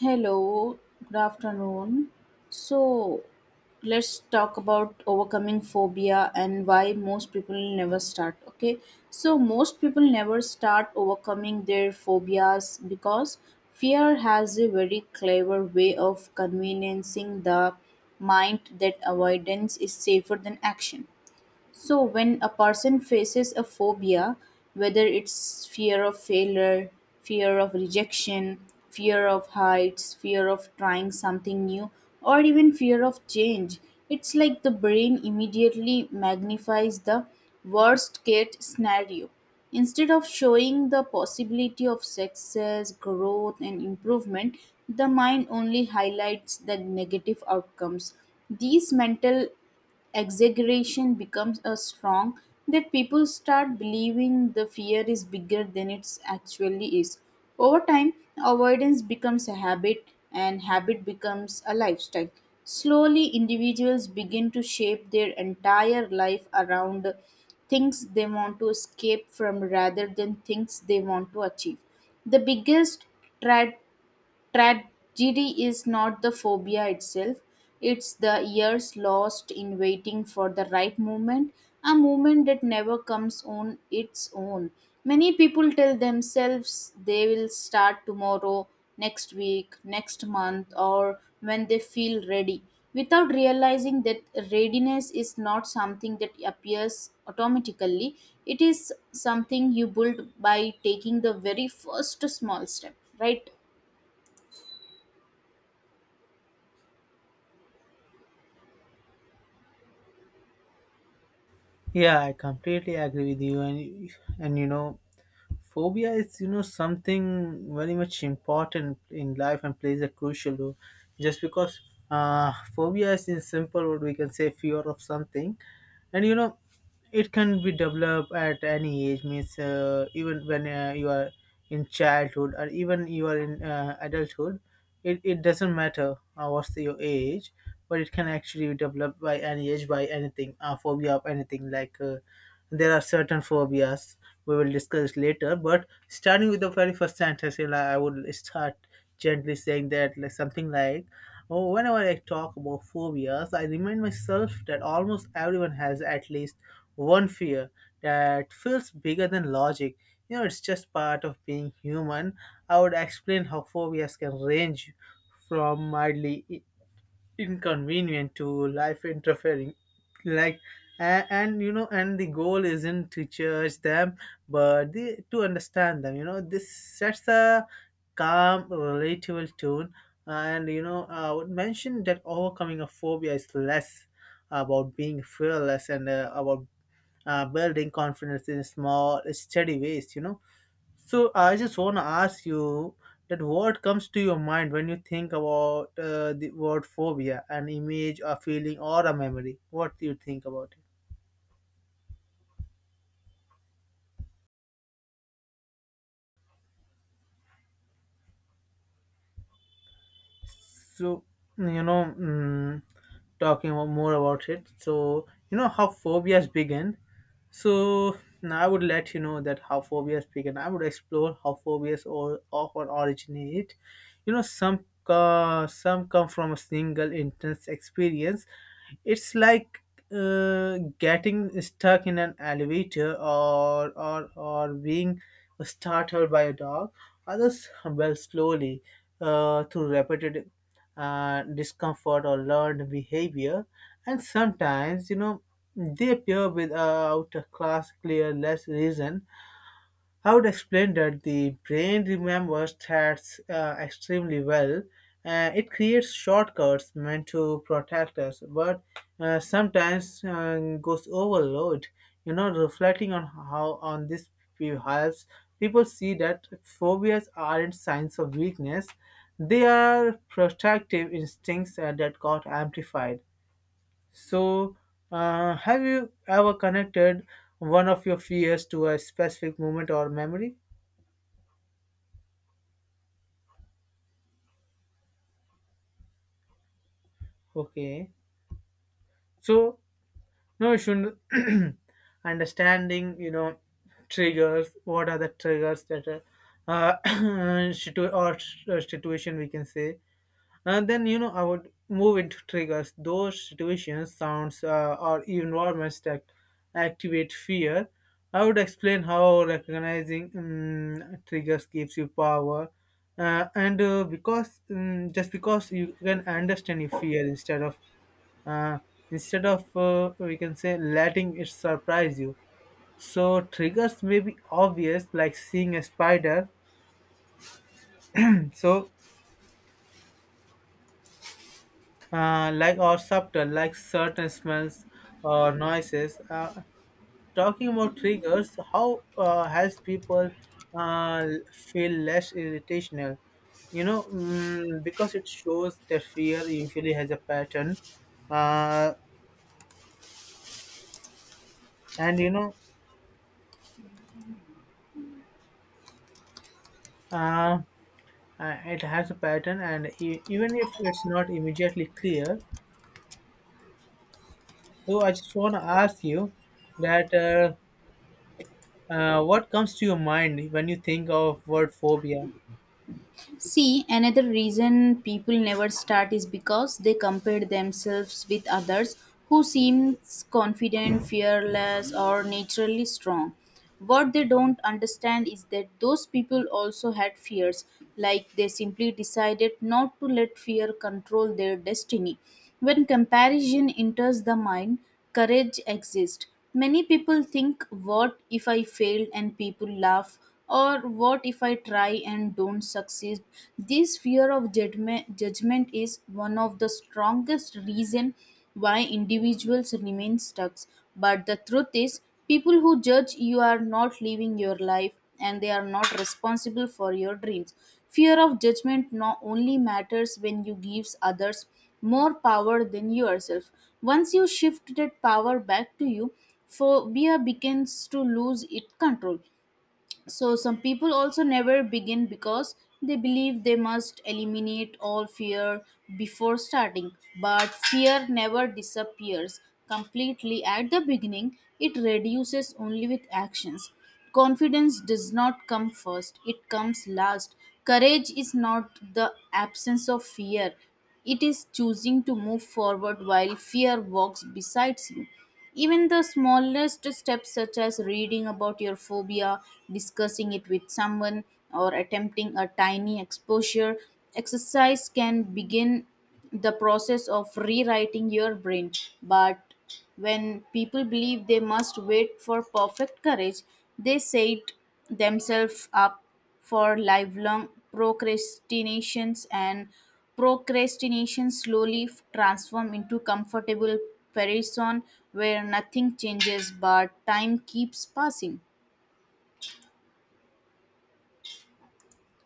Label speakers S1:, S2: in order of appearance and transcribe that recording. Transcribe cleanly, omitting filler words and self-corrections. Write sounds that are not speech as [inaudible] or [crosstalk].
S1: Hello, good afternoon. So, let's talk about overcoming phobia and why most people never start. Okay, so most people never start overcoming their phobias because fear has a very clever way of convincing the mind that avoidance is safer than action. So, when a person faces a phobia, whether it's fear of failure, fear of rejection, fear of heights, fear of trying something new, or even fear of change, it's like the brain immediately magnifies the worst case scenario. Instead of showing the possibility of success, growth, and improvement, the mind only highlights the negative outcomes. These mental exaggeration becomes a strong that people start believing the fear is bigger than it actually is. Over time, avoidance becomes a habit and habit becomes a lifestyle. Slowly, individuals begin to shape their entire life around things they want to escape from rather than things they want to achieve. The biggest tra- tragedy is not the phobia itself, it's the years lost in waiting for the right moment, a moment that never comes on its own. Many people tell themselves they will start tomorrow, next week, next month, or when they feel ready, without realizing that readiness is not something that appears automatically, it is something you build by taking the very first small step, right?
S2: Yeah, I completely agree with you. And phobia is something very much important in life and plays a crucial role. Just because phobia is in simple what we can say fear of something, and you know. It can be developed at any age, means even when you are in childhood or even you are in adulthood. It doesn't matter your age, but it can actually be developed by any age, by anything, a phobia of anything. There are certain phobias we will discuss later, but starting with the very first sentence, I would start gently saying that, like, something like, oh, whenever I talk about phobias, I remind myself that almost everyone has at least one fear that feels bigger than logic. It's just part of being human. I would explain how phobias can range from mildly inconvenient to life interfering, like and and the goal isn't to judge them, but to understand them. This sets a calm, relatable tone. And I would mention that overcoming a phobia is less about being fearless, and about building confidence in small, steady ways. So I just want to ask you, that, what comes to your mind when you think about the word phobia? An image, a feeling, or a memory? What do you think about it? So, you know, mm, talking about— more about it. So, you know how phobias begin. So, now I would let you know that how phobias begin. I would explore how phobias or often originate. You know, some come from a single intense experience. It's like getting stuck in an elevator, or being startled by a dog. Others build slowly through repeated discomfort or learned behavior, and sometimes they appear without a class clear less reason. I would explain that the brain remembers threats extremely well. It creates shortcuts meant to protect us, but sometimes goes overload. You know, reflecting on how on this view helps people see that phobias aren't signs of weakness; they are protective instincts that got amplified. So, have you ever connected one of your fears to a specific moment or memory? Okay. So, no, you should [clears throat] understanding, triggers. What are the triggers that are, [coughs] [clears throat] situation we can say, and then I would move into triggers. Those situations, sounds, or environments that activate fear. I would explain how recognizing triggers gives you power, and because just because you can understand your fear instead of uh, we can say letting it surprise you. So triggers may be obvious, like seeing a spider. So like, or subtle, like certain smells or noises. Talking about triggers, how helps people uh, feel less irritational. Because it shows that fear usually has a pattern, uh, and you know, uh, it has a pattern, and even if it's not immediately clear. So I just want to ask you that what comes to your mind when you think of word phobia?
S1: See, another reason people never start is because they compare themselves with others who seems confident, fearless, or naturally strong. What they don't understand is that those people also had fears, like they simply decided not to let fear control their destiny. When comparison enters the mind, courage exists. Many people think, "What if I failed?" and people laugh, or what if I try and don't succeed? This fear of judgment, judgment is one of the strongest reason why individuals remain stuck. But the truth is, people who judge you are not living your life, and they are not responsible for your dreams. Fear of judgment not only matters when you gives others more power than yourself. Once you shift that power back to you, for fear begins to lose its control. So some people also never begin because they believe they must eliminate all fear before starting. But fear never disappears completely at the beginning, it reduces only with actions. Confidence does not come first, it comes last. Courage is not the absence of fear, it is choosing to move forward while fear walks beside you. Even the smallest steps, such as reading about your phobia, discussing it with someone, or attempting a tiny exposure exercise, can begin the process of rewriting your brain. But when people believe they must wait for perfect courage, they set themselves up for lifelong procrastinations, and procrastination slowly transform into comfortable person where nothing changes but time keeps passing.